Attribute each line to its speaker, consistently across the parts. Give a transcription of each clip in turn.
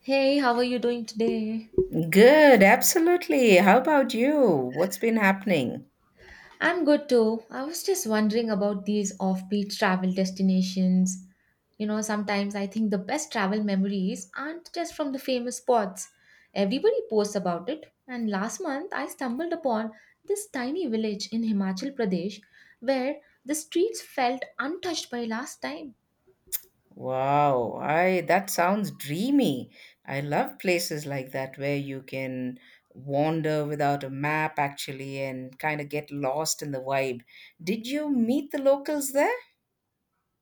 Speaker 1: Hey, how are you doing today?
Speaker 2: Good, absolutely. How about you? What's been happening?
Speaker 1: I'm good too. I was just wondering about these offbeat travel destinations. You know, sometimes I think the best travel memories aren't just from the famous spots. Everybody posts about it. And last month, I stumbled upon this tiny village in Himachal Pradesh where the streets felt untouched by last time.
Speaker 2: Wow, I that sounds dreamy. I love places like that where you can wander without a map actually and kind of get lost in the vibe. Did you meet the locals there?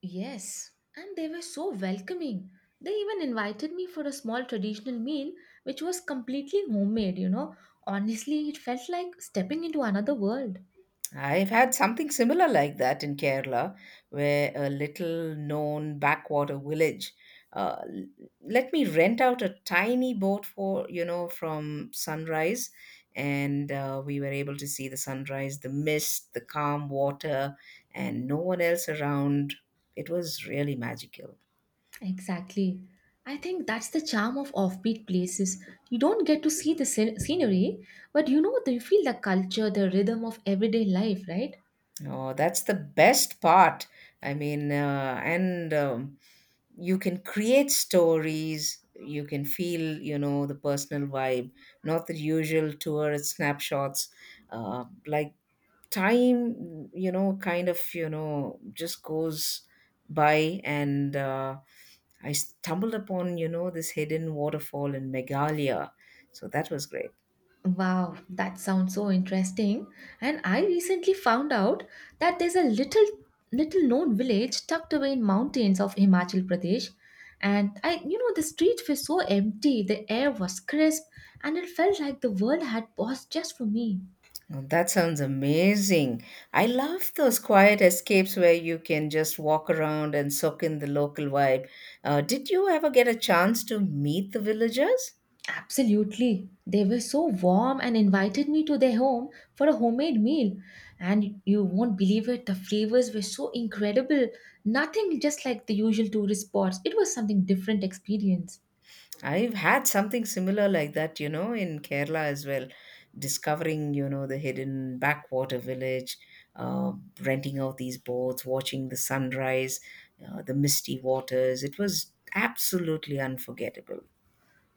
Speaker 1: Yes, and they were so welcoming. They even invited me for a small traditional meal, which was completely homemade, Honestly, it felt like stepping into another world.
Speaker 2: I've had something similar like that in Kerala, where a little known backwater village uh, l- let me rent out a tiny boat from sunrise. And we were able to see the sunrise, the mist, the calm water, and no one else around. It was really magical.
Speaker 1: Exactly. I think that's the charm of offbeat places. You don't get to see the scenery, but you know, you feel the culture, the rhythm of everyday life, right?
Speaker 2: Oh, that's the best part. I mean, and You can create stories. You can feel, you know, the personal vibe, not the usual tourist snapshots. Uh, like Time, just goes by. And I stumbled upon, you know, this hidden waterfall in Meghalaya. So that was great.
Speaker 1: Wow, that sounds so interesting. And I recently found out that there's a little known village tucked away in mountains of Himachal Pradesh. And I, you know, the streets were so empty, the air was crisp, and it felt like the world had paused just for me.
Speaker 2: Oh, that sounds amazing. I love those quiet escapes where you can just walk around and soak in the local vibe. Did you ever get a chance to meet the villagers?
Speaker 1: Absolutely. They were so warm and invited me to their home for a homemade meal. And you won't believe it, the flavors were so incredible. Nothing just like the usual tourist spots. It was something different experience.
Speaker 2: I've had something similar like that, you know, in Kerala as well. Discovering, you know, the hidden backwater village, uh, renting out these boats, watching the sunrise, the misty waters. It was absolutely unforgettable.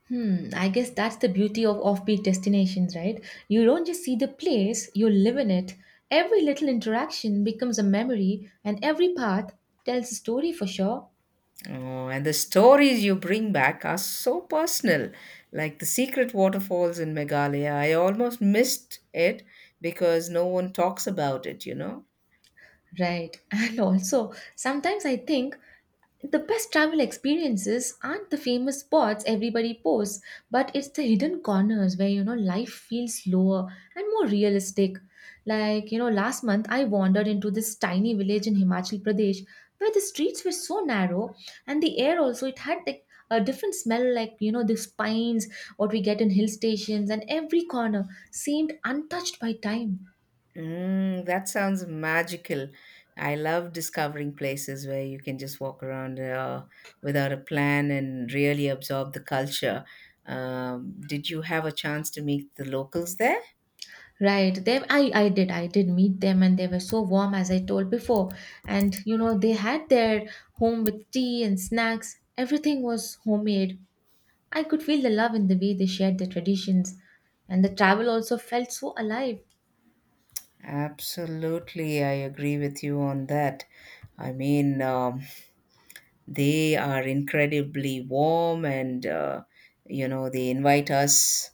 Speaker 1: Hmm, I guess that's the beauty of offbeat destinations, right? You don't just see the place, you live in it. Every little interaction becomes a memory, and every path tells a story for sure.
Speaker 2: Oh, and the stories you bring back are so personal, like the secret waterfalls in Meghalaya. I almost missed it because no one talks about it, you know?
Speaker 1: Right. And also, sometimes I think the best travel experiences aren't the famous spots everybody posts, but it's the hidden corners where you know life feels slower and more realistic. Like, you know, last month I wandered into this tiny village in Himachal Pradesh where the streets were so narrow and the air also it had like a different smell, like you know these pines what we get in hill stations, and every corner seemed untouched by time.
Speaker 2: Mm, that sounds magical. I love discovering places where you can just walk around without a plan and really absorb the culture. Did you have a chance to meet the locals there?
Speaker 1: Right. They, I did meet them and they were so warm as I told before. And you know, they had their home with tea and snacks. Everything was homemade. I could feel the love in the way they shared their traditions. And the travel also felt so alive.
Speaker 2: Absolutely, I agree with you on that. I mean, um, They are incredibly warm and, you know, they invite us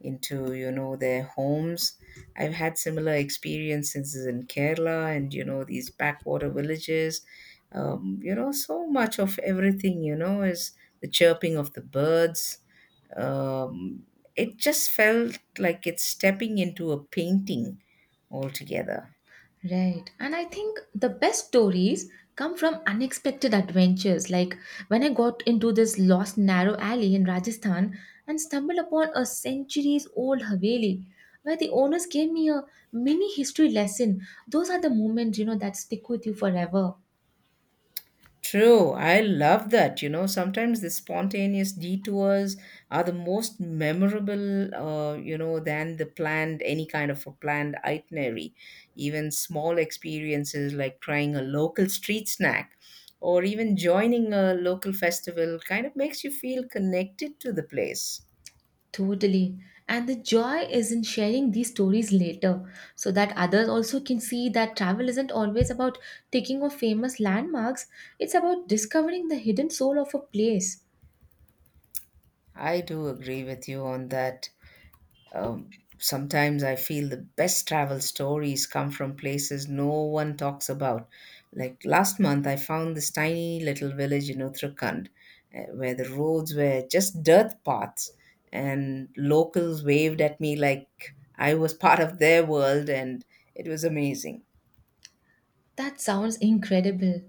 Speaker 2: into, you know, their homes. I've had similar experiences in Kerala and, you know, these backwater villages. You know, so much of everything, you know, is the chirping of the birds. Um, it just felt like it's stepping into a painting altogether.
Speaker 1: Right. And I think the best stories come from unexpected adventures. Like when I got into this lost narrow alley in Rajasthan and stumbled upon a centuries old Haveli where the owners gave me a mini history lesson. Those are the moments, you know, that stick with you forever.
Speaker 2: True, I love that. You know, sometimes the spontaneous detours are the most memorable, you know, than the planned, any kind of a planned itinerary. Even small experiences like trying a local street snack or even joining a local festival kind of makes you feel connected to the place.
Speaker 1: Totally. And the joy is in sharing these stories later so that others also can see that travel isn't always about taking off famous landmarks, it's about discovering the hidden soul of a place.
Speaker 2: I do agree with you on that. Sometimes I feel the best travel stories come from places no one talks about. Like last month, I found this tiny little village in Uttarakhand, where the roads were just dirt paths, and locals waved at me like I was part of their world, and it was amazing.
Speaker 1: That sounds incredible.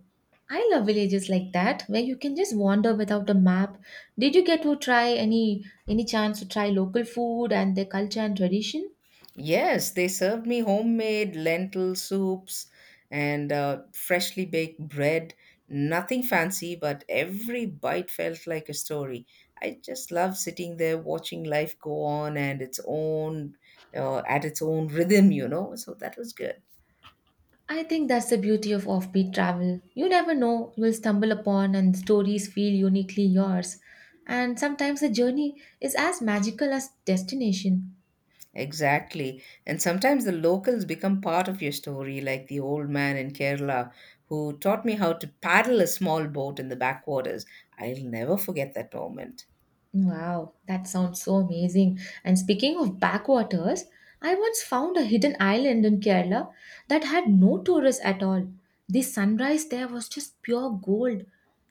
Speaker 1: I love villages like that where you can just wander without a map. Did you get to try any chance to try local food and their culture and tradition?
Speaker 2: Yes, they served me homemade lentil soups and freshly baked bread. Nothing fancy, but every bite felt like a story. I just love sitting there watching life go on and its own at its own rhythm, you know. So that was good.
Speaker 1: I think that's the beauty of offbeat travel. You never know you will stumble upon and stories feel uniquely yours. And sometimes the journey is as magical as destination.
Speaker 2: Exactly. And sometimes the locals become part of your story, like the old man in Kerala who taught me how to paddle a small boat in the backwaters. I'll never forget that moment.
Speaker 1: Wow, that sounds so amazing. And speaking of backwaters, I once found a hidden island in Kerala that had no tourists at all. The sunrise there was just pure gold.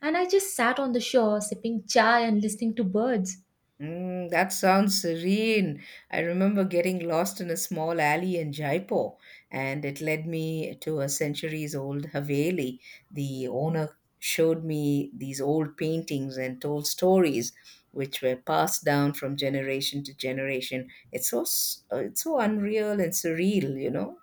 Speaker 1: And I just sat on the shore sipping chai and listening to birds.
Speaker 2: Mm, that sounds serene. I remember getting lost in a small alley in Jaipur, and it led me to a centuries old Haveli. The owner showed me these old paintings and told stories which were passed down from generation to generation. It's so it's so unreal and surreal, you know.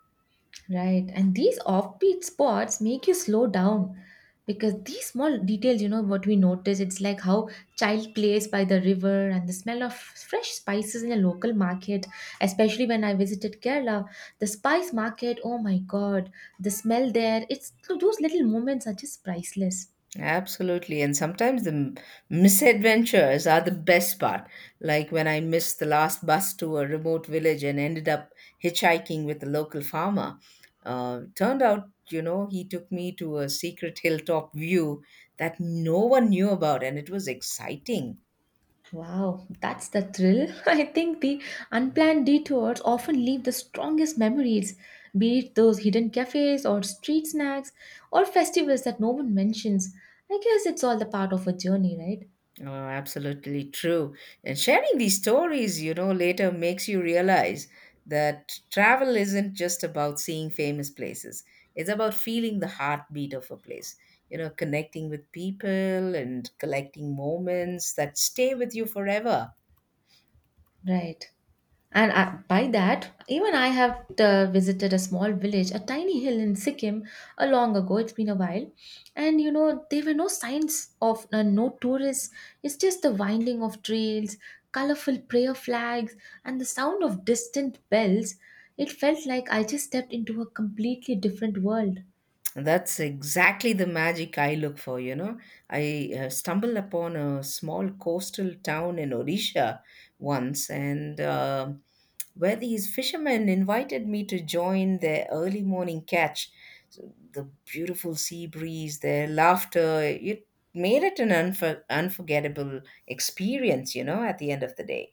Speaker 1: Right. And these offbeat spots make you slow down because these small details, you know, what we notice, it's like how child plays by the river and the smell of fresh spices in a local market, especially when I visited Kerala. The spice market, oh my God, the smell there, it's those little moments are just priceless.
Speaker 2: Absolutely. And sometimes the misadventures are the best part. Like when I missed the last bus to a remote village and ended up hitchhiking with a local farmer. Turned out, you know, he took me to a secret hilltop view that no one knew about, and it was exciting.
Speaker 1: Wow, that's the thrill. I think the unplanned detours often leave the strongest memories, be it those hidden cafes or street snacks or festivals that no one mentions. I guess it's all the part of a journey, right?
Speaker 2: Oh, absolutely true. And sharing these stories, you know, later makes you realize that travel isn't just about seeing famous places. It's about feeling the heartbeat of a place, you know, connecting with people and collecting moments that stay with you forever.
Speaker 1: Right. And I, by that, even I have visited a small village, a tiny hill in Sikkim, a long ago. It's been a while, and you know there were no signs of no tourists. It's just the winding of trails, colorful prayer flags, and the sound of distant bells. It felt like I just stepped into a completely different world.
Speaker 2: That's exactly the magic I look for, you know. I stumbled upon a small coastal town in Odisha once, and where these fishermen invited me to join their early morning catch. So the beautiful sea breeze, their laughter, it made it an unforgettable experience, you know, at the end of the day.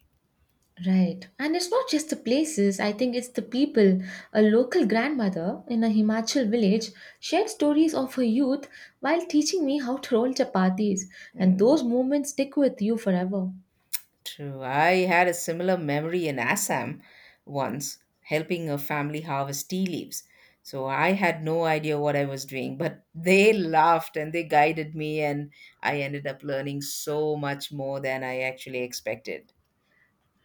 Speaker 1: Right. And it's not just the places, I think it's the people. A local grandmother in a Himachal village shared stories of her youth while teaching me how to roll chapatis, and
Speaker 2: Mm,
Speaker 1: those moments stick with you forever.
Speaker 2: true. I had a similar memory in Assam once, helping a family harvest tea leaves. So I had no idea what I was doing, but they laughed and they guided me, and I ended up learning so much more than I actually expected.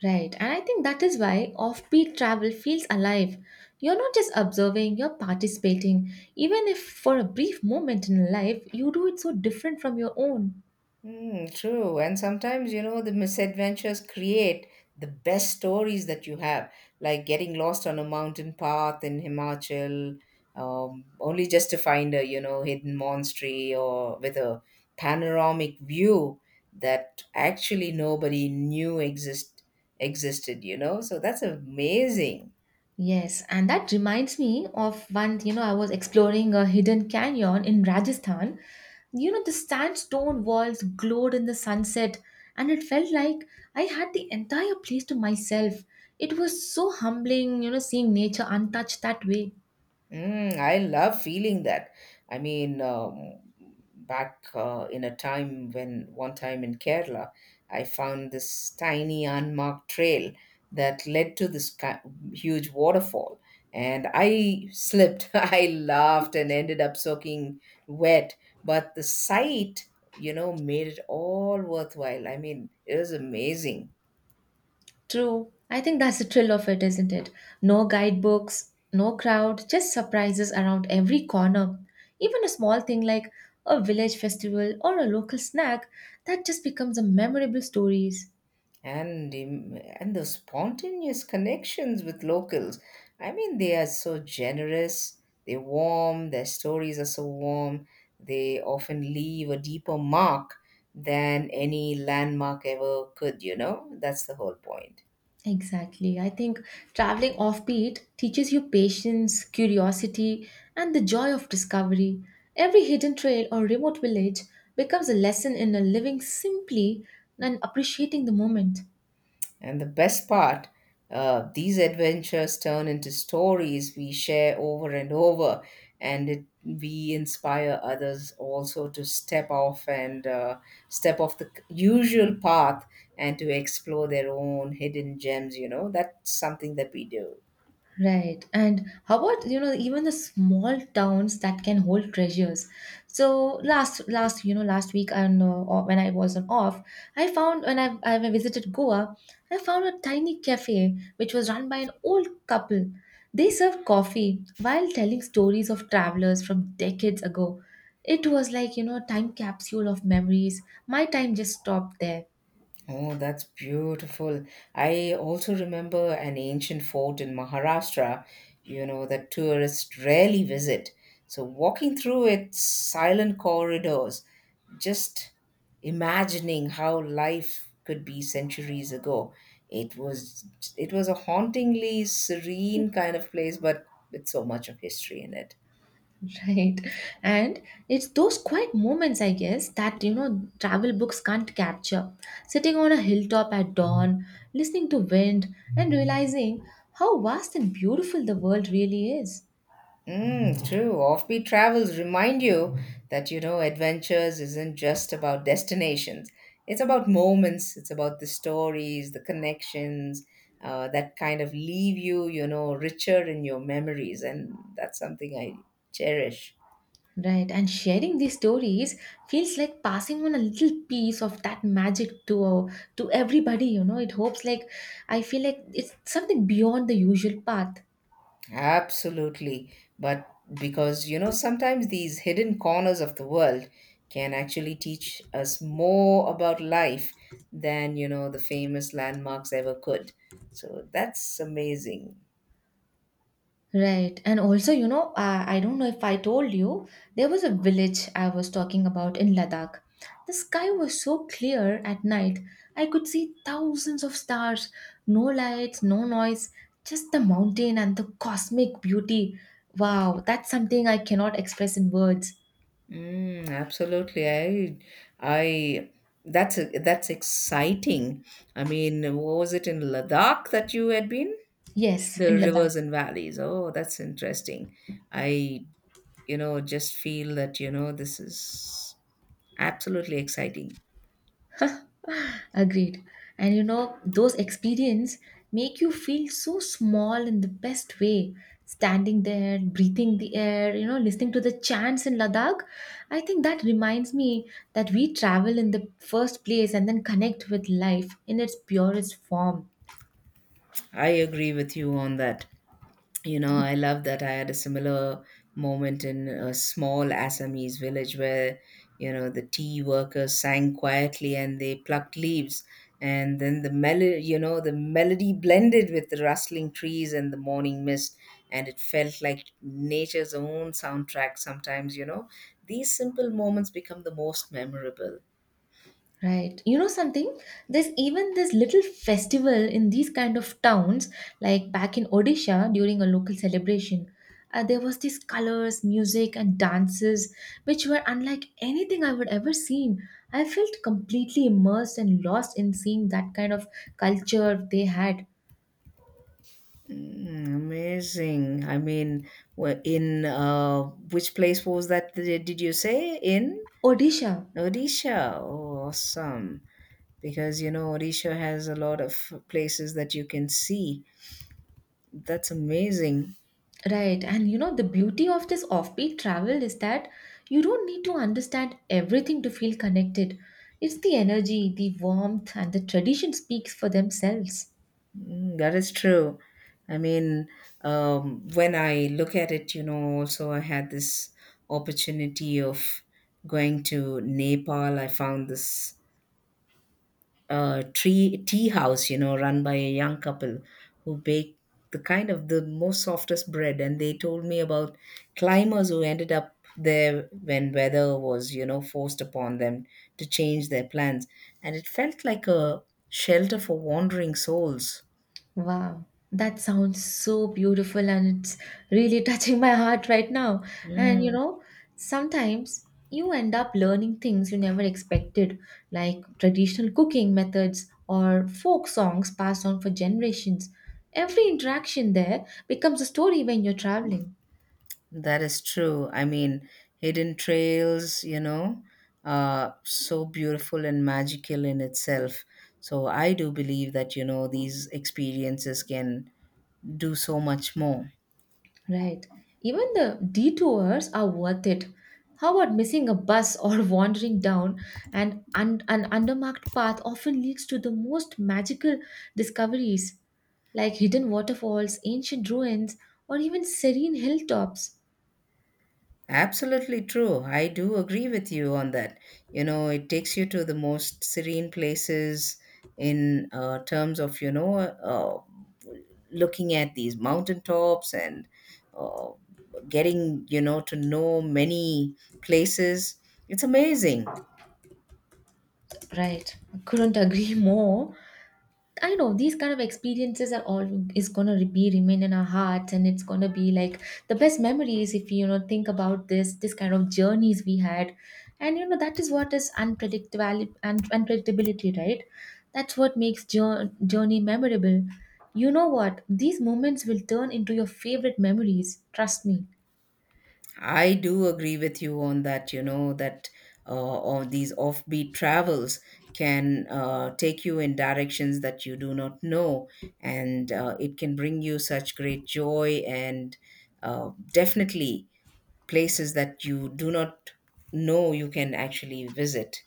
Speaker 1: Right. And I think that is why offbeat travel feels alive. You're not just observing, you're participating. Even if for a brief moment in life, you do it so different from your own.
Speaker 2: Mm, true. And sometimes, you know, the misadventures create the best stories that you have, like getting lost on a mountain path in Himachal, only just to find a, you know, hidden monastery or with a panoramic view that actually nobody knew existed, you know? So that's amazing.
Speaker 1: Yes, and that reminds me of one, you know, I was exploring a hidden canyon in Rajasthan. You know, the sandstone walls glowed in the sunset, and it felt like I had the entire place to myself. It was so humbling, you know, seeing nature untouched that way.
Speaker 2: Mm, I love feeling that. I mean, back in a time when One time in Kerala, I found this tiny unmarked trail that led to this huge waterfall, and I slipped. I laughed and ended up soaking wet, but the sight, you know, made it all worthwhile. I mean, it was amazing.
Speaker 1: True. I think that's the thrill of it, isn't it? No guidebooks, no crowd, just surprises around every corner. Even a small thing like a village festival or a local snack, that just becomes a memorable stories.
Speaker 2: And the spontaneous connections with locals. I mean, they are so generous. They're warm. Their stories are so warm. They often leave a deeper mark than any landmark ever could. You know, that's the whole point.
Speaker 1: Exactly. I think traveling offbeat teaches you patience, curiosity, and the joy of discovery. Every hidden trail or remote village becomes a lesson in a living simply and appreciating the moment.
Speaker 2: And the best part, these adventures turn into stories we share over and over, and we inspire others also to step off the usual path and to explore their own hidden gems. You know, that's something that we do.
Speaker 1: Right. And how about, you know, even the small towns that can hold treasures? So last you know last week and or when I was on off, I found when I visited Goa, I found a tiny cafe which was run by an old couple. They served coffee while telling stories of travelers from decades ago. It was like, you know, a time capsule of memories. My time just stopped there.
Speaker 2: Oh, that's beautiful. I also remember an ancient fort in Maharashtra, you know, that tourists rarely visit. So, walking through its silent corridors, just imagining how life could be centuries ago, it was it was a hauntingly serene kind of place, but with so much of history in it.
Speaker 1: Right. And it's those quiet moments, I guess, that, you know, travel books can't capture. Sitting on a hilltop at dawn, listening to wind, and realizing how vast and beautiful the world really is.
Speaker 2: Mm, true. Offbeat travels remind you that, you know, adventures isn't just about destinations. It's about moments, it's about the stories, the connections that kind of leave you, you know, richer in your memories. And that's something I cherish.
Speaker 1: Right. And sharing these stories feels like passing on a little piece of that magic to everybody, you know. It hopes like I feel like it's something beyond the usual path.
Speaker 2: Absolutely. But because, you know, sometimes these hidden corners of the world can actually teach us more about life than, you know, the famous landmarks ever could. So that's amazing.
Speaker 1: Right. And also, you know, I don't know if I told you, there was a village I was talking about in Ladakh. The sky was so clear at night, I could see thousands of stars, no lights, no noise, just the mountain and the cosmic beauty. Wow, that's something I cannot express in words.
Speaker 2: Mm, absolutely. I, that's that's exciting. I mean, what was it in Ladakh that you had been?
Speaker 1: Yes,
Speaker 2: The
Speaker 1: in Ladakh.
Speaker 2: rivers and valleys. Oh, that's interesting. I, you know, just feel that, you know, this is absolutely exciting.
Speaker 1: Agreed. And you know, those experience make you feel so small in the best way. Standing there, breathing the air, you know, listening to the chants in Ladakh. I think that reminds me that we travel in the first place and then connect with life in its purest form.
Speaker 2: I agree with you on that. You know, I love that. I had a similar moment in a small Assamese village where, you know, the tea workers sang quietly and they plucked leaves. And then the melody, you know, the melody blended with the rustling trees and the morning mist. And it felt like nature's own soundtrack sometimes, you know. These simple moments become the most memorable.
Speaker 1: Right. You know something? There's even this little festival in these kind of towns, like back in Odisha during a local celebration. There was these colors, music, and dances, which were unlike anything I would ever seen. I felt completely immersed and lost in seeing that kind of culture they had.
Speaker 2: Mm, amazing. I mean, wh- in which place was that? Did you say in
Speaker 1: Odisha.
Speaker 2: Odisha? Oh, awesome. Because you know, Odisha has a lot of places that you can see. That's amazing.
Speaker 1: Right. And you know, the beauty of this offbeat travel is that you don't need to understand everything to feel connected. It's the energy, the warmth, and the tradition speaks for themselves.
Speaker 2: Mm, that is true. I mean, when I look at it, you know, also I had this opportunity of going to Nepal. I found this tree tea house, you know, run by a young couple who bake the kind of the most softest bread. And they told me about climbers who ended up there when weather was, you know, forced upon them to change their plans. And it felt like a shelter for wandering souls.
Speaker 1: Wow, that sounds so beautiful and it's really touching my heart right now. And you
Speaker 2: Mm,
Speaker 1: know, sometimes you end up learning things you never expected, like traditional cooking methods or folk songs passed on for generations. Every interaction there becomes a story when you're traveling.
Speaker 2: that is true. I mean, hidden trails, you know, so beautiful and magical in itself. So I do believe that, you know, these experiences can do so much more.
Speaker 1: Right. Even the detours are worth it. How about missing a bus or wandering down an undermarked path often leads to the most magical discoveries, like hidden waterfalls, ancient ruins, or even serene hilltops?
Speaker 2: Absolutely true. I do agree with you on that. You know, it takes you to the most serene places in terms of, you know, looking at these mountaintops and uh, getting, you know, to know many places. It's amazing.
Speaker 1: Right. I couldn't agree more. I know these kind of experiences are all is gonna be remain in our hearts, and it's gonna be like the best memories if you know think about this kind of journeys we had, and you know that is what is unpredictable and unpredictability, right? That's what makes journey memorable. You know what? These moments will turn into your favorite memories. Trust me.
Speaker 2: I do agree with you on that, you know, that all these offbeat travels can take you in directions that you do not know, and it can bring you such great joy and definitely places that you do not know you can actually visit.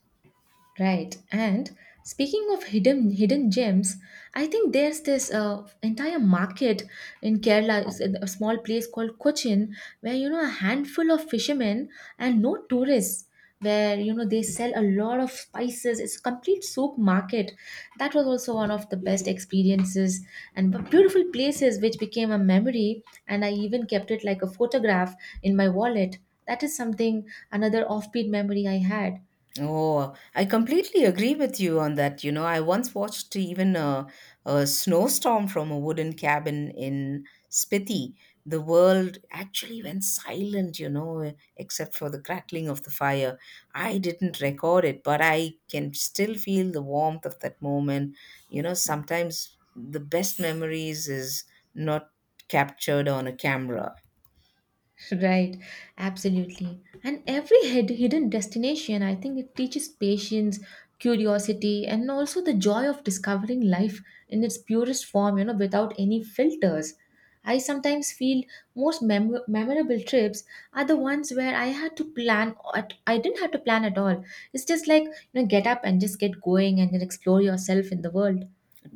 Speaker 1: Right. And speaking of hidden gems, I think there's this entire market in Kerala, it's in a small place called Cochin, where you know a handful of fishermen and no tourists, where you know they sell a lot of spices. It's a complete soap market. That was also one of the best experiences and beautiful places, which became a memory. And I even kept it like a photograph in my wallet. That is something another offbeat memory I had.
Speaker 2: Oh, I completely agree with you on that. You know, I once watched even a snowstorm from a wooden cabin in Spiti. The world actually went silent, you know, except for the crackling of the fire. I didn't record it, but I can still feel the warmth of that moment. You know, sometimes the best memories is not captured on a camera.
Speaker 1: Right, absolutely. And every hidden destination, I think it teaches patience, curiosity, and also the joy of discovering life in its purest form, you know, without any filters. I sometimes feel most memorable trips are the ones where I didn't have to plan at all. It's just like, you know, get up and just get going and then explore yourself in the world.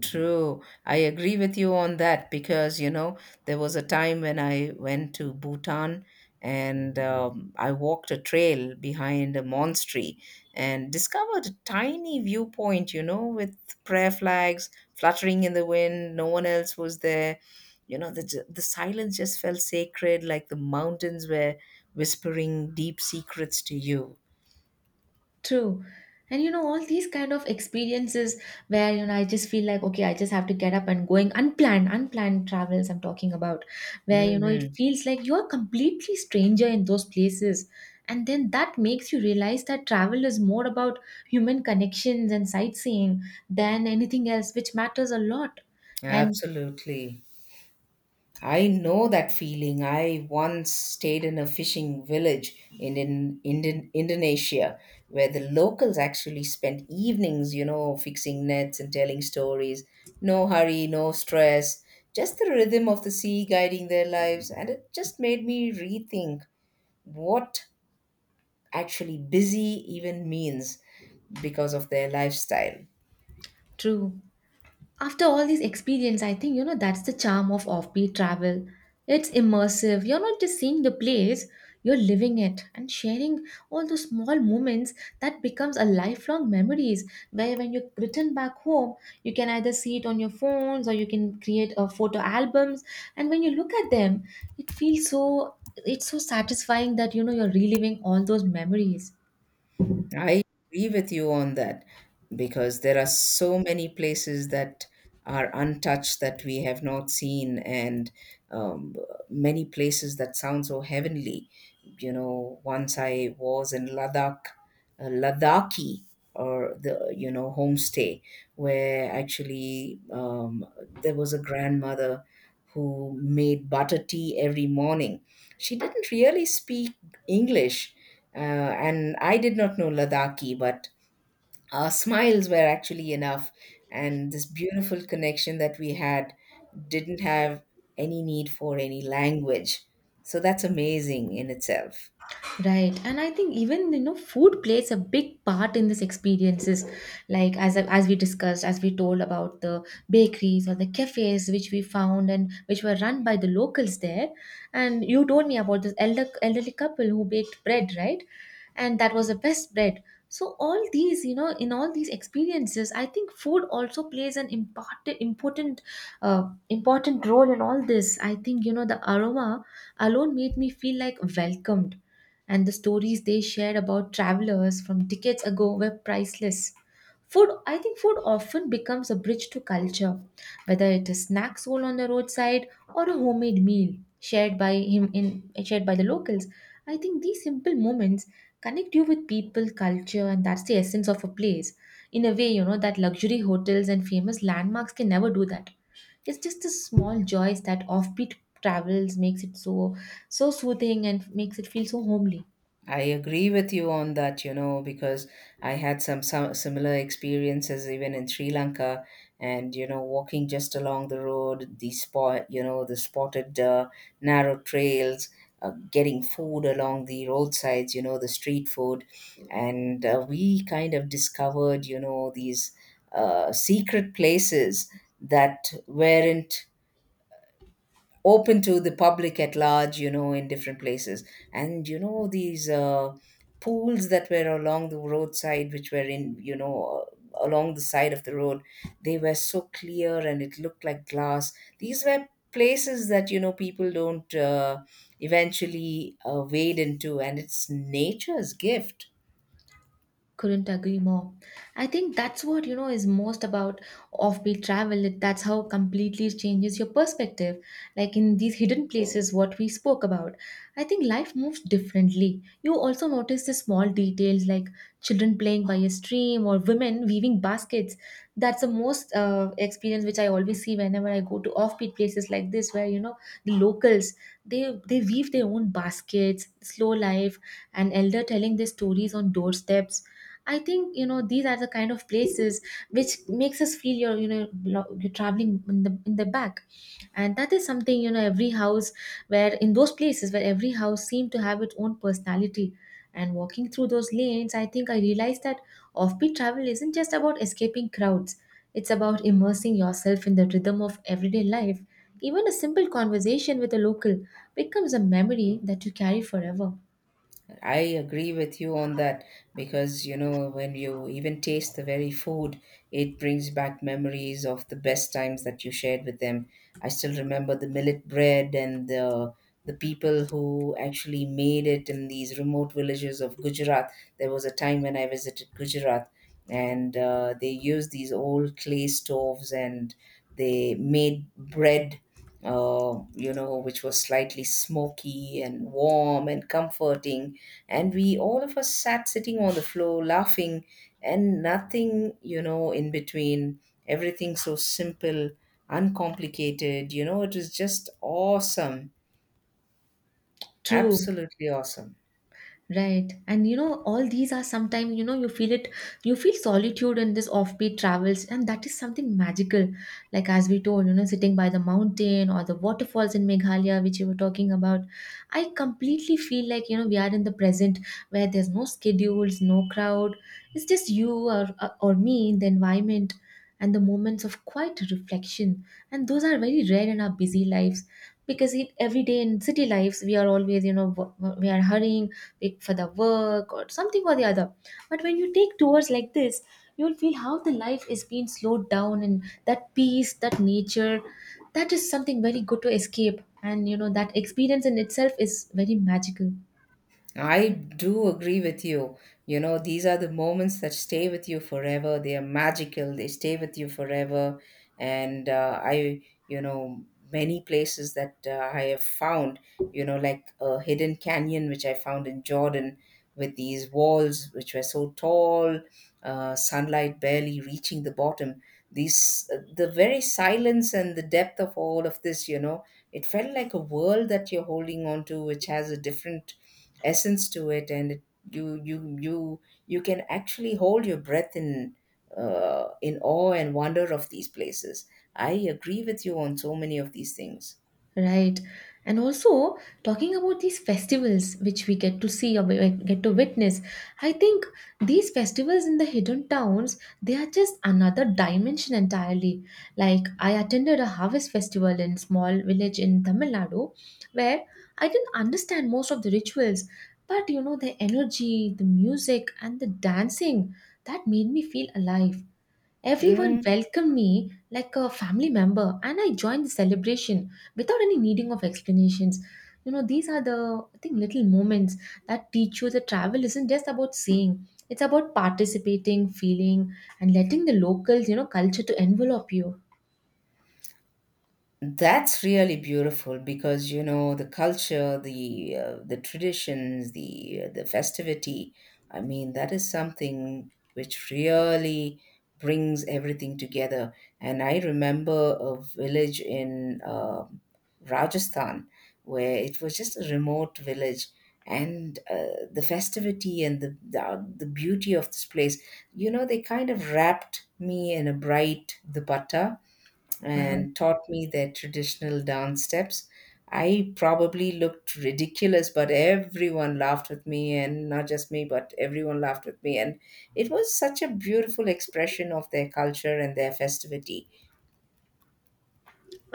Speaker 2: True. I agree with you on that because, you know, there was a time when I went to Bhutan and I walked a trail behind a monastery and discovered a tiny viewpoint, you know, with prayer flags fluttering in the wind. No one else was there. You know, the silence just felt sacred, like the mountains were whispering deep secrets to you.
Speaker 1: True. And you know, all these kind of experiences where, you know, I just feel like, okay, I just have to get up and going unplanned travels I'm talking about, where, you know, it
Speaker 2: Hmm.
Speaker 1: feels like you're completely stranger in those places. And then that makes you realize that travel is more about human connections and sightseeing than anything else, which matters a lot. And
Speaker 2: Absolutely. I know that feeling. I once stayed in a fishing village in Indonesia where the locals actually spent evenings, you know, fixing nets and telling stories. No hurry, no stress, just the rhythm of the sea guiding their lives. And it just made me rethink what actually busy even means because of their lifestyle.
Speaker 1: true. After all these experience, I think you know that's the charm of offbeat travel. It's immersive. You're not just seeing the place, you're living it and sharing all those small moments that becomes a lifelong memories where when you return back home, you can either see it on your phones or you can create a photo albums and when you look at them, it's so satisfying that you know you're reliving all those memories.
Speaker 2: I agree with you on that because there are so many places that are untouched that we have not seen, and um, many places that sound so heavenly. You know, once I was in Ladakh, Ladakhi, or the you know homestay, where actually there was a grandmother who made butter tea every morning. She didn't really speak English, and I did not know Ladakhi, but our smiles were actually enough. And this beautiful connection that we had didn't have any need for any language. So that's amazing in itself.
Speaker 1: Right, and I think even you know food plays a big part in this experiences. Like as we discussed, as we told about the bakeries or the cafes which we found and which were run by the locals there. And you told me about this elderly couple who baked bread, right? And that was the best bread. So all these, you know, in all these experiences, I think food also plays an important role in all this. I think you know the aroma alone made me feel like welcomed and the stories they shared about travelers from decades ago were priceless. Food, I think food often becomes a bridge to culture, whether it is snack sold on the roadside or a homemade meal shared by the locals. I think these simple moments connect you with people, culture, and that's the essence of a place. In a way, you know, that luxury hotels and famous landmarks can never do that. It's just the small joys that offbeat travels makes it so soothing and makes it feel so homely.
Speaker 2: I agree with you on that, you know, because I had some similar experiences even in Sri Lanka, and you know, walking just along the road, the spot, you know, the spotted narrow trails, getting food along the roadsides, you know, the street food, and we kind of discovered, you know, these secret places that weren't open to the public at large, you know, in different places. And, you know, these pools that were along the roadside, which were in, you know, along the side of the road, they were so clear and it looked like glass. These were places that, you know, people don't eventually wade into, and it's nature's gift.
Speaker 1: Couldn't agree more. I think that's what you know is most about offbeat travel. That's how completely changes your perspective, like in these hidden places what we spoke about. I think life moves differently. You also notice the small details, like children playing by a stream or women weaving baskets. That's the most experience which I always see whenever I go to offbeat places like this, where you know the locals, they they weave their own baskets, slow life, and elder telling their stories on doorsteps. I think you know these are the kind of places which makes us feel you're you know you're traveling in the back, and that is something you know every house, where in those places where every house seemed to have its own personality. And walking through those lanes, I think I realized that offbeat travel isn't just about escaping crowds. It's about immersing yourself in the rhythm of everyday life. Even a simple conversation with a local becomes a memory that you carry forever.
Speaker 2: I agree with you on that because you know when you even taste the very food, it brings back memories of the best times that you shared with them. I still remember the millet bread and the people who actually made it in these remote villages of Gujarat. There was a time when I visited Gujarat, and they used these old clay stoves and they made bread. You know, which was slightly smoky and warm and comforting, and we all of us sat sitting on the floor laughing and nothing, you know, in between. Everything so simple, uncomplicated, you know, it was just awesome.
Speaker 1: True.
Speaker 2: Absolutely awesome.
Speaker 1: Right. And you know, all these are sometimes, you know, you feel it, you feel solitude in this offbeat travels, and that is something magical. Like, as we told, you know, sitting by the mountain or the waterfalls in Meghalaya, which you were talking about. I completely feel like, you know, we are in the present where there's no schedules, no crowd. It's just you, or me in the environment and the moments of quiet reflection. And those are very rare in our busy lives, because it, every day in city lives, we are always, you know, we are hurrying like for the work or something or the other. But when you take tours like this, you'll feel how the life is being slowed down, and that peace, that nature, that is something very good to escape. And you know, that experience in itself is very magical.
Speaker 2: I do agree with you. You know, these are the moments that stay with you forever. They are magical. They stay with you forever. And you know, many places that I have found, you know, like a hidden canyon, which I found in Jordan with these walls, which were so tall, sunlight barely reaching the bottom. These, the very silence and the depth of all of this, you know, it felt like a world that you're holding on to, which has a different essence to it and it, you you can actually hold your breath in awe and wonder of these places. I agree with you on so many of these things.
Speaker 1: Right. And also talking about these festivals which we get to see or we get to witness, I think these festivals in the hidden towns, they are just another dimension entirely. Like I attended a harvest festival in small village in Tamil Nadu where I didn't understand most of the rituals, but you know the energy, the music and the dancing that made me feel alive. Everyone
Speaker 2: Mm.
Speaker 1: welcomed me like a family member, and I joined the celebration without any needing of explanations. You know, these are the I think little moments that teach you that travel isn't just about seeing; it's about participating, feeling, and letting the locals, you know, culture to envelop you.
Speaker 2: That's really beautiful because you know the culture, the traditions, the festivity. I mean, that is something which really brings everything together. And I remember a village in Rajasthan where it was just a remote village, and the festivity and the beauty of this place. You know, they kind of wrapped me in a bright dupatta
Speaker 1: Wow.
Speaker 2: and taught me their traditional dance steps. I probably looked ridiculous, but everyone laughed with me, and not just me, but everyone laughed with me. And it was such a beautiful expression of their culture and their festivity.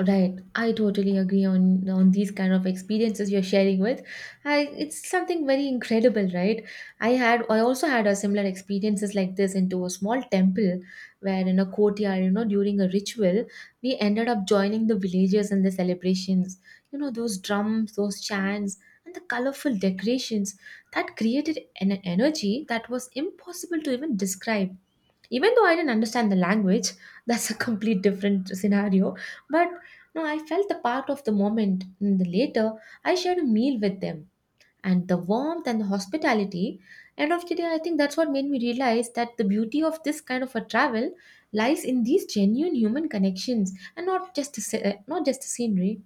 Speaker 1: Right, I totally agree on these kind of experiences you're sharing with. I, it's something very incredible, right? I also had a similar experiences like this into a small temple where in a courtyard, you know, during a ritual, we ended up joining the villagers in the celebrations. You know, those drums, those chants, and the colorful decorations that created an energy that was impossible to even describe, even though I didn't understand the language, that's a complete different scenario. But no, I felt the part of the moment. And the later, I shared a meal with them, and the warmth and the hospitality. End of the day, I think that's what made me realize that the beauty of this kind of a travel lies in these genuine human connections, and not just the, not just the scenery.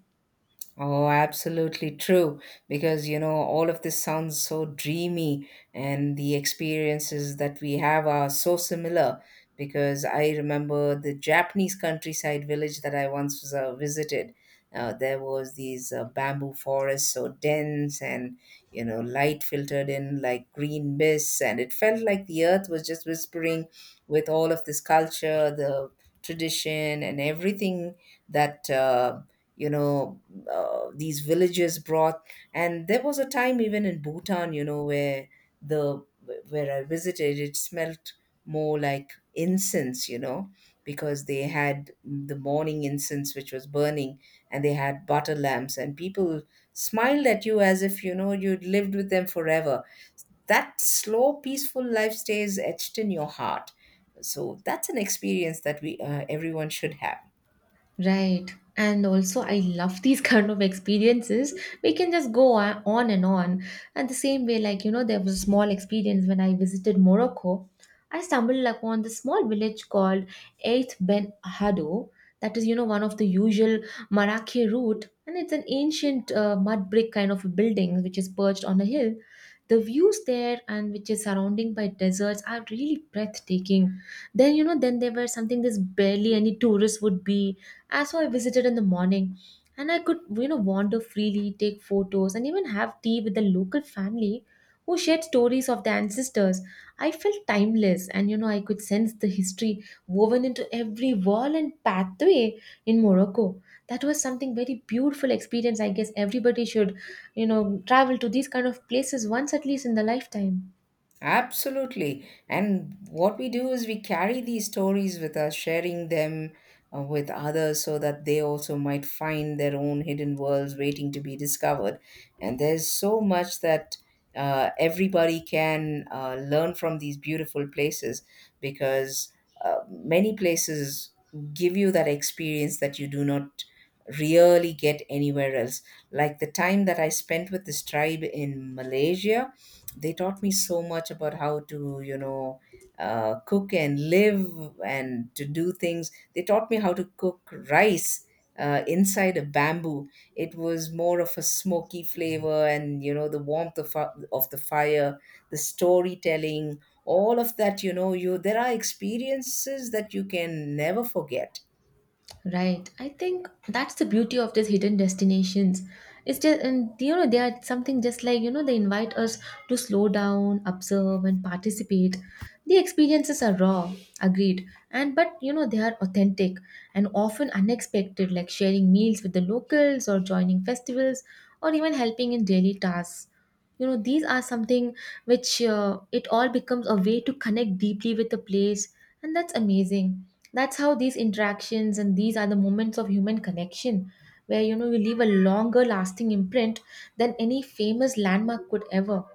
Speaker 2: Oh, absolutely true. Because, you know, all of this sounds so dreamy, and the experiences that we have are so similar. Because I remember the Japanese countryside village that I once was, visited. There was these bamboo forests so dense, and you know light filtered in like green mists, and it felt like the earth was just whispering with all of this culture, the tradition and everything that you know these villagers brought. And there was a time even in Bhutan, you know, where the where I visited, it smelt more like incense, you know, because they had the morning incense which was burning, and they had butter lamps, and people smiled at you as if you know you'd lived with them forever. That slow peaceful life stays etched in your heart. So that's an experience that we, everyone should have.
Speaker 1: Right. And also, I love these kind of experiences. We can just go on and on. And the same way, like, you know, there was a small experience when I visited Morocco. I stumbled upon this small village called Eighth Ben Hado. That is, you know, one of the usual Marrakech route. And it's an ancient mud brick kind of a building which is perched on a hill. The views there and which is surrounding by deserts are really breathtaking. Then, you know, then there were something this barely any tourist would be so I visited in the morning, and I could, you know, wander freely, take photos, and even have tea with the local family who shared stories of their ancestors. I felt timeless and, you know, I could sense the history woven into every wall and pathway in Morocco. That was something very beautiful experience. I guess everybody should, you know, travel to these kind of places once at least in the lifetime.
Speaker 2: Absolutely. And what we do is we carry these stories with us, sharing them, with others so that they also might find their own hidden worlds waiting to be discovered. And there's so much that everybody can learn from these beautiful places because many places give you that experience that you do not really get anywhere else. Like the time that I spent with this tribe in Malaysia, they taught me so much about how to, you know, cook and live and to do things. They taught me how to cook rice inside a bamboo. It was more of a smoky flavor, and you know the warmth of the fire, the storytelling, all of that, you know, you there are experiences that you can never forget.
Speaker 1: Right. I think that's the beauty of these hidden destinations. It's just, and you know, they are something just like, you know, they invite us to slow down, observe, and participate. The experiences are raw, agreed, and but you know, they are authentic and often unexpected, like sharing meals with the locals or joining festivals or even helping in daily tasks. You know, these are something which it all becomes a way to connect deeply with the place, and that's amazing. That's how these interactions and these are the moments of human connection where you know you leave a longer lasting imprint than any famous landmark could ever.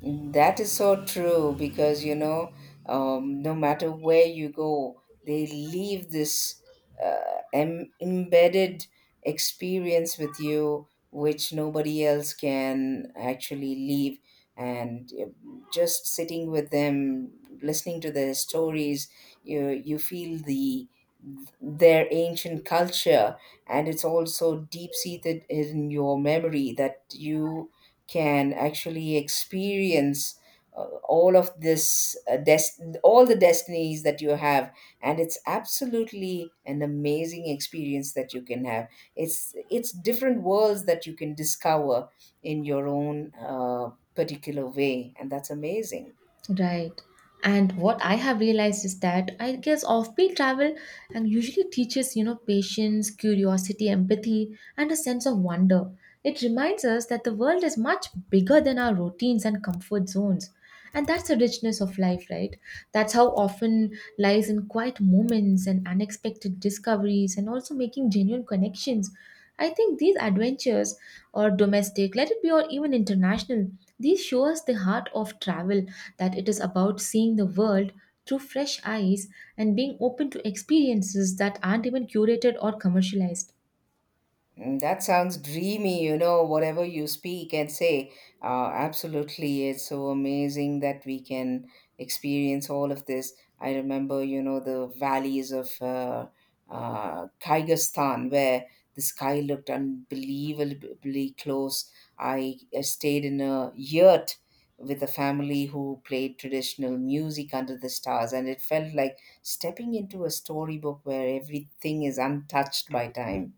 Speaker 2: That is so true because you know, no matter where you go, they leave this embedded experience with you, which nobody else can actually leave. And just sitting with them, listening to their stories, you feel the their ancient culture, and it's also deep seated in your memory that you can actually experience uh, all of this all the destinies that you have, and it's absolutely an amazing experience that you can have. It's different worlds that you can discover in your own particular way, and that's amazing.
Speaker 1: Right. And what I have realized is that I guess offbeat travel and usually teaches, you know, patience, curiosity, empathy, and a sense of wonder. It reminds us that the world is much bigger than our routines and comfort zones. And that's the richness of life, right? That's how often lies in quiet moments and unexpected discoveries and also making genuine connections. I think these adventures or domestic, let it be or even international, these show us the heart of travel, that it is about seeing the world through fresh eyes and being open to experiences that aren't even curated or commercialized.
Speaker 2: Mm, that sounds dreamy, you know, whatever you speak and say. Absolutely. It's so amazing that we can experience all of this. I remember, you know, the valleys of Kyrgyzstan where the sky looked unbelievably close. I stayed in a yurt with a family who played traditional music under the stars, and it felt like stepping into a storybook where everything is untouched by time.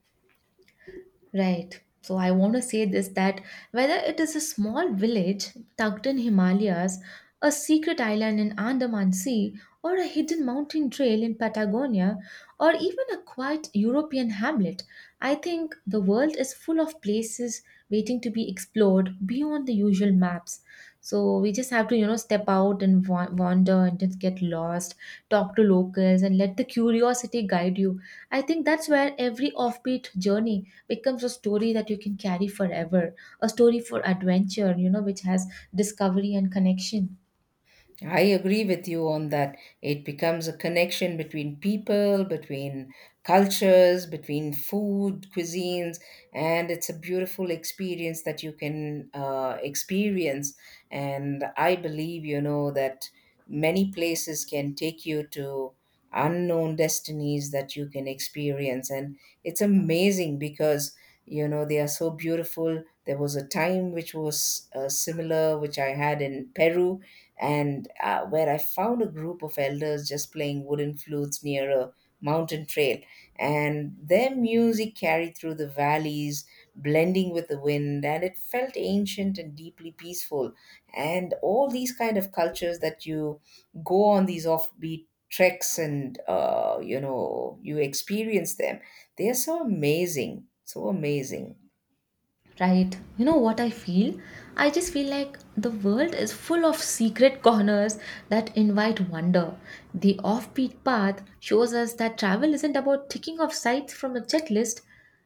Speaker 1: Right. So I want to say this, that whether it is a small village tucked in Himalayas, a secret island in Andaman Sea, or a hidden mountain trail in Patagonia, or even a quiet European hamlet, I think the world is full of places waiting to be explored beyond the usual maps. So we just have to, you know, step out and wander and just get lost, talk to locals and let the curiosity guide you. I think that's where every offbeat journey becomes a story that you can carry forever, a story for adventure, you know, which has discovery and connection.
Speaker 2: I agree with you on that. It becomes a connection between people, between cultures, between food, cuisines, and it's a beautiful experience that you can experience. And I believe, you know, that many places can take you to unknown destinies that you can experience. And it's amazing because, you know, they are so beautiful. There was a time which was similar, which I had in Peru, and where I found a group of elders just playing wooden flutes near a mountain trail. And their music carried through the valleys, blending with the wind, and it felt ancient and deeply peaceful. And all these kind of cultures that you go on these offbeat treks and you know you experience them, they are so amazing, so amazing.
Speaker 1: Right. You know what I feel? I just feel like the world is full of secret corners that invite wonder. The offbeat path shows us that travel isn't about ticking off sites from a checklist.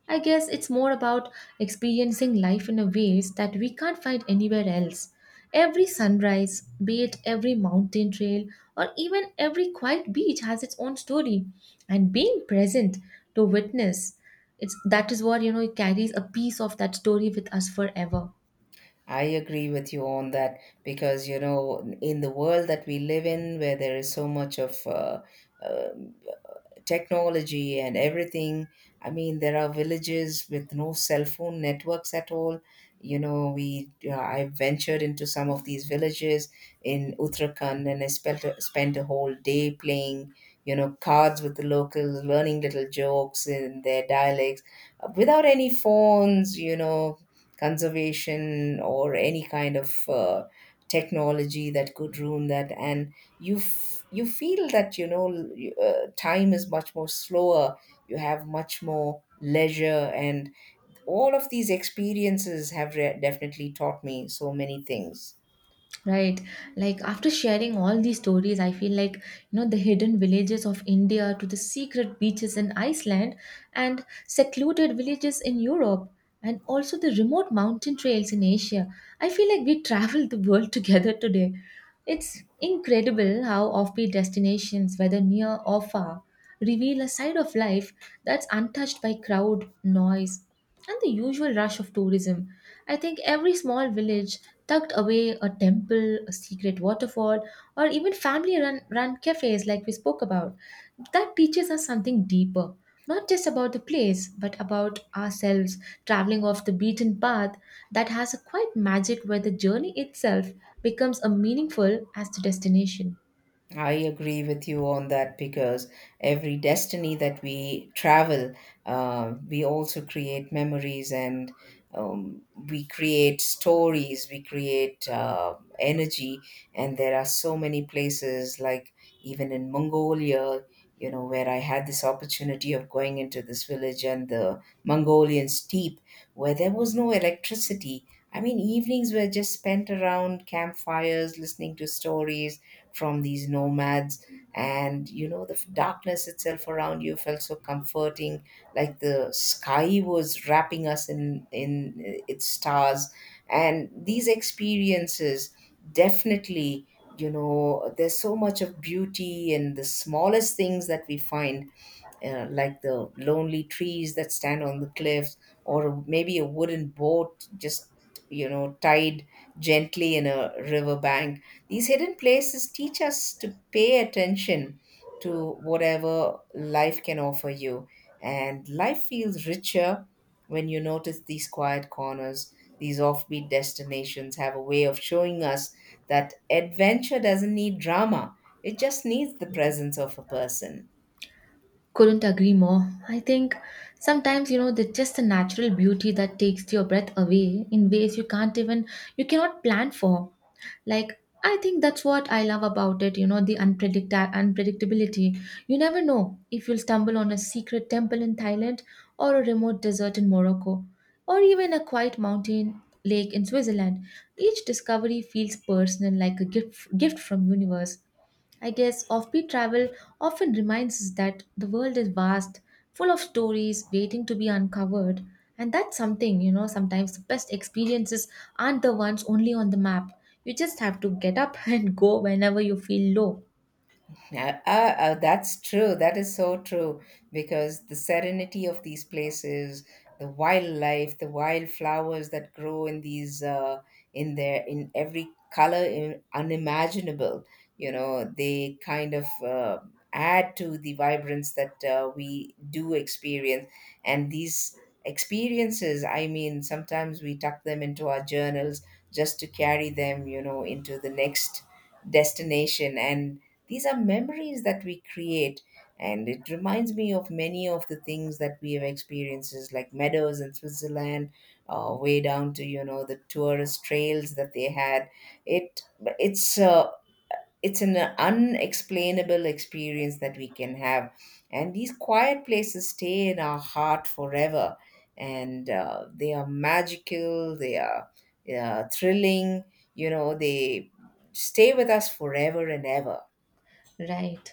Speaker 1: I guess it's more about experiencing life in a ways that we can't find anywhere else. Every sunrise, be it every mountain trail or even every quiet beach has its own story. And being present to witness, it's that is what, it carries a piece of that story with us forever.
Speaker 2: I agree with you on that because you know in the world that we live in where there is so much of uh, technology and everything. I mean, there are villages with no cell phone networks at all. You know, we I ventured into some of these villages in Uttarakhand, and I spent a whole day playing, you know, cards with the locals, learning little jokes in their dialects, without any phones. You know, conservation or any kind of technology that could ruin that, and you feel that you know time is much more slower, you have much more leisure, and all of these experiences have definitely taught me so many things.
Speaker 1: Right. Like after sharing all these stories, I feel like, you know, the hidden villages of India to the secret beaches in Iceland, and secluded villages in Europe, and also the remote mountain trails in Asia. I feel like we traveled the world together today. It's incredible how offbeat destinations, whether near or far, reveal a side of life that's untouched by crowd, noise, and the usual rush of tourism. I think every small village tucked away, a temple, a secret waterfall, or even family run cafes like we spoke about. That teaches us something deeper, not just about the place, but about ourselves. Traveling off the beaten path, that has a quite magic where the journey itself becomes as meaningful as the destination.
Speaker 2: I agree with you on that because every destiny that we travel, we also create memories and we create stories, we create energy. And there are so many places, like even in Mongolia, you know, where I had this opportunity of going into this village and the Mongolian steppe, where there was no electricity. I mean, evenings were just spent around campfires, listening to stories from these nomads, and you know darkness itself around you felt so comforting, like the sky was wrapping us in its stars. And these experiences definitely, you know, there's so much of beauty in the smallest things that we find, like the lonely trees that stand on the cliffs, or maybe a wooden boat just, you know, tied gently in a river bank. These hidden places teach us to pay attention to whatever life can offer you, and life feels richer when you notice these quiet corners. These offbeat destinations have a way of showing us that adventure doesn't need drama. It just needs the presence of a person.
Speaker 1: Couldn't agree more. I think sometimes, you know, there's just a natural beauty that takes your breath away in ways you can't even, you cannot plan for. Like, I think that's what I love about it, you know, the unpredictability. You never know if you'll stumble on a secret temple in Thailand, or a remote desert in Morocco, or even a quiet mountain lake in Switzerland. Each discovery feels personal, like a gift from universe. I guess offbeat travel often reminds us that the world is vast, full of stories waiting to be uncovered. And that's something, you know, sometimes the best experiences aren't the ones only on the map. You just have to get up and go whenever you feel low.
Speaker 2: Yeah, that's true. That is so true because the serenity of these places, the wildlife, the wildflowers that grow in these in their in every color in, unimaginable. You know, they kind of add to the vibrance that we do experience. And these experiences, I mean, sometimes we tuck them into our journals just to carry them, you know, into the next destination, and these are memories that we create, and it reminds me of many of the things that we have experiences, like meadows in Switzerland, way down to you know the tourist trails that they had. It it's uh, it's an unexplainable experience that we can have, and these quiet places stay in our heart forever, and they are magical. They are thrilling. You know, they stay with us forever and ever.
Speaker 1: Right.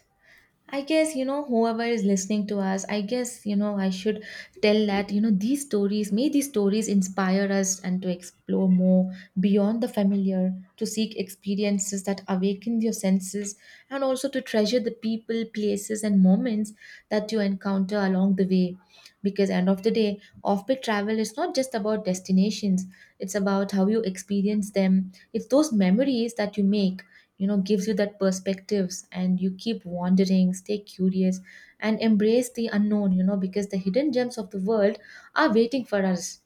Speaker 1: I guess, you know, whoever is listening to us, I guess, you know, I should tell that, you know, these stories, may these stories inspire us and to explore more beyond the familiar, to seek experiences that awaken your senses, and also to treasure the people, places, and moments that you encounter along the way. Because, end of the day, off peak travel is not just about destinations, it's about how you experience them, it's those memories that you make, you know, gives you that perspectives. And you keep wandering, stay curious, and embrace the unknown, you know, because the hidden gems of the world are waiting for us.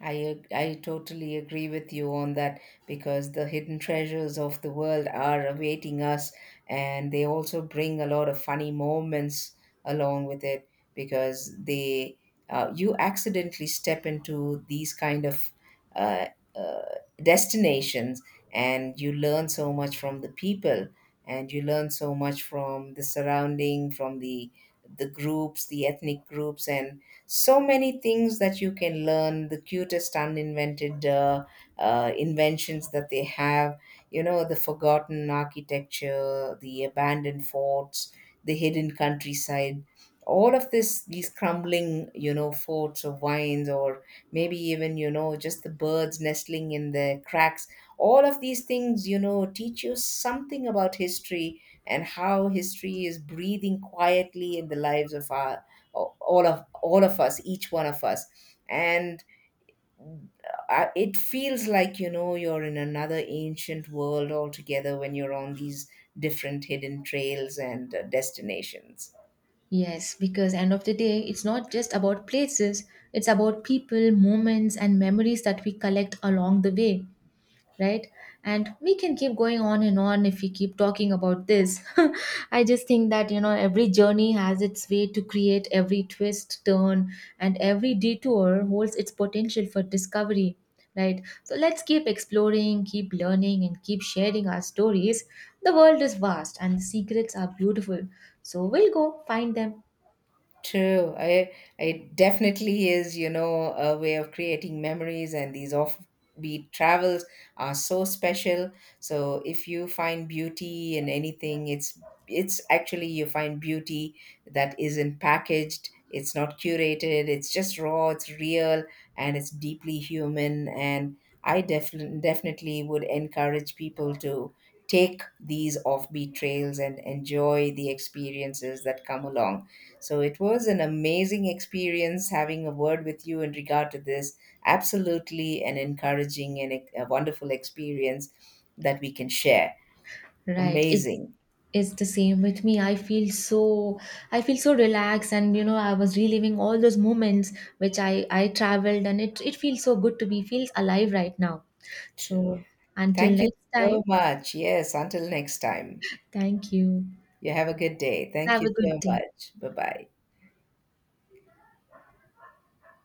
Speaker 2: I totally agree with you on that because the hidden treasures of the world are awaiting us, and they also bring a lot of funny moments along with it because they you accidentally step into these kind of uh, uh, destinations, and you learn so much from the people, and you learn so much from the surrounding, from the groups, the ethnic groups, and so many things that you can learn, the cutest uninvented inventions that they have, you know, the forgotten architecture, the abandoned forts, the hidden countryside. All of this, these crumbling, you know, forts or vines, or maybe even, you know, just the birds nestling in the cracks, all of these things, you know, teach you something about history and how history is breathing quietly in the lives of our all of us, each one of us. And it feels like, you know, you're in another ancient world altogether when you're on these different hidden trails and destinations.
Speaker 1: Yes, because end of the day, it's not just about places, it's about people, moments, and memories that we collect along the way. Right. And we can keep going on and on if we keep talking about this. I just think that, you know, every journey has its way to create every twist, turn, and every detour holds its potential for discovery. Right. So let's keep exploring, keep learning, and keep sharing our stories. The world is vast and the secrets are beautiful, so we'll go find them.
Speaker 2: True. I It definitely is, you know, a way of creating memories, and these offbeat travels are so special. So if you find beauty in anything, it's actually you find beauty that isn't packaged, it's not curated, it's just raw, it's real, and it's deeply human. And I definitely would encourage people to take these offbeat trails and enjoy the experiences that come along. So it was an amazing experience having a word with you in regard to this. Absolutely an encouraging and a wonderful experience that we can share.
Speaker 1: Right.
Speaker 2: Amazing.
Speaker 1: It's the same with me. I feel so, I feel so relaxed, and you know, I was reliving all those moments which I traveled, and it feels so good to be feels alive right now.
Speaker 2: True.
Speaker 1: So until
Speaker 2: Thank you
Speaker 1: next
Speaker 2: so
Speaker 1: time,
Speaker 2: much. Yes, until next time.
Speaker 1: thank you.
Speaker 2: You have a good day. Thank
Speaker 1: Have
Speaker 2: you
Speaker 1: a good
Speaker 2: so
Speaker 1: day.
Speaker 2: much. Bye bye.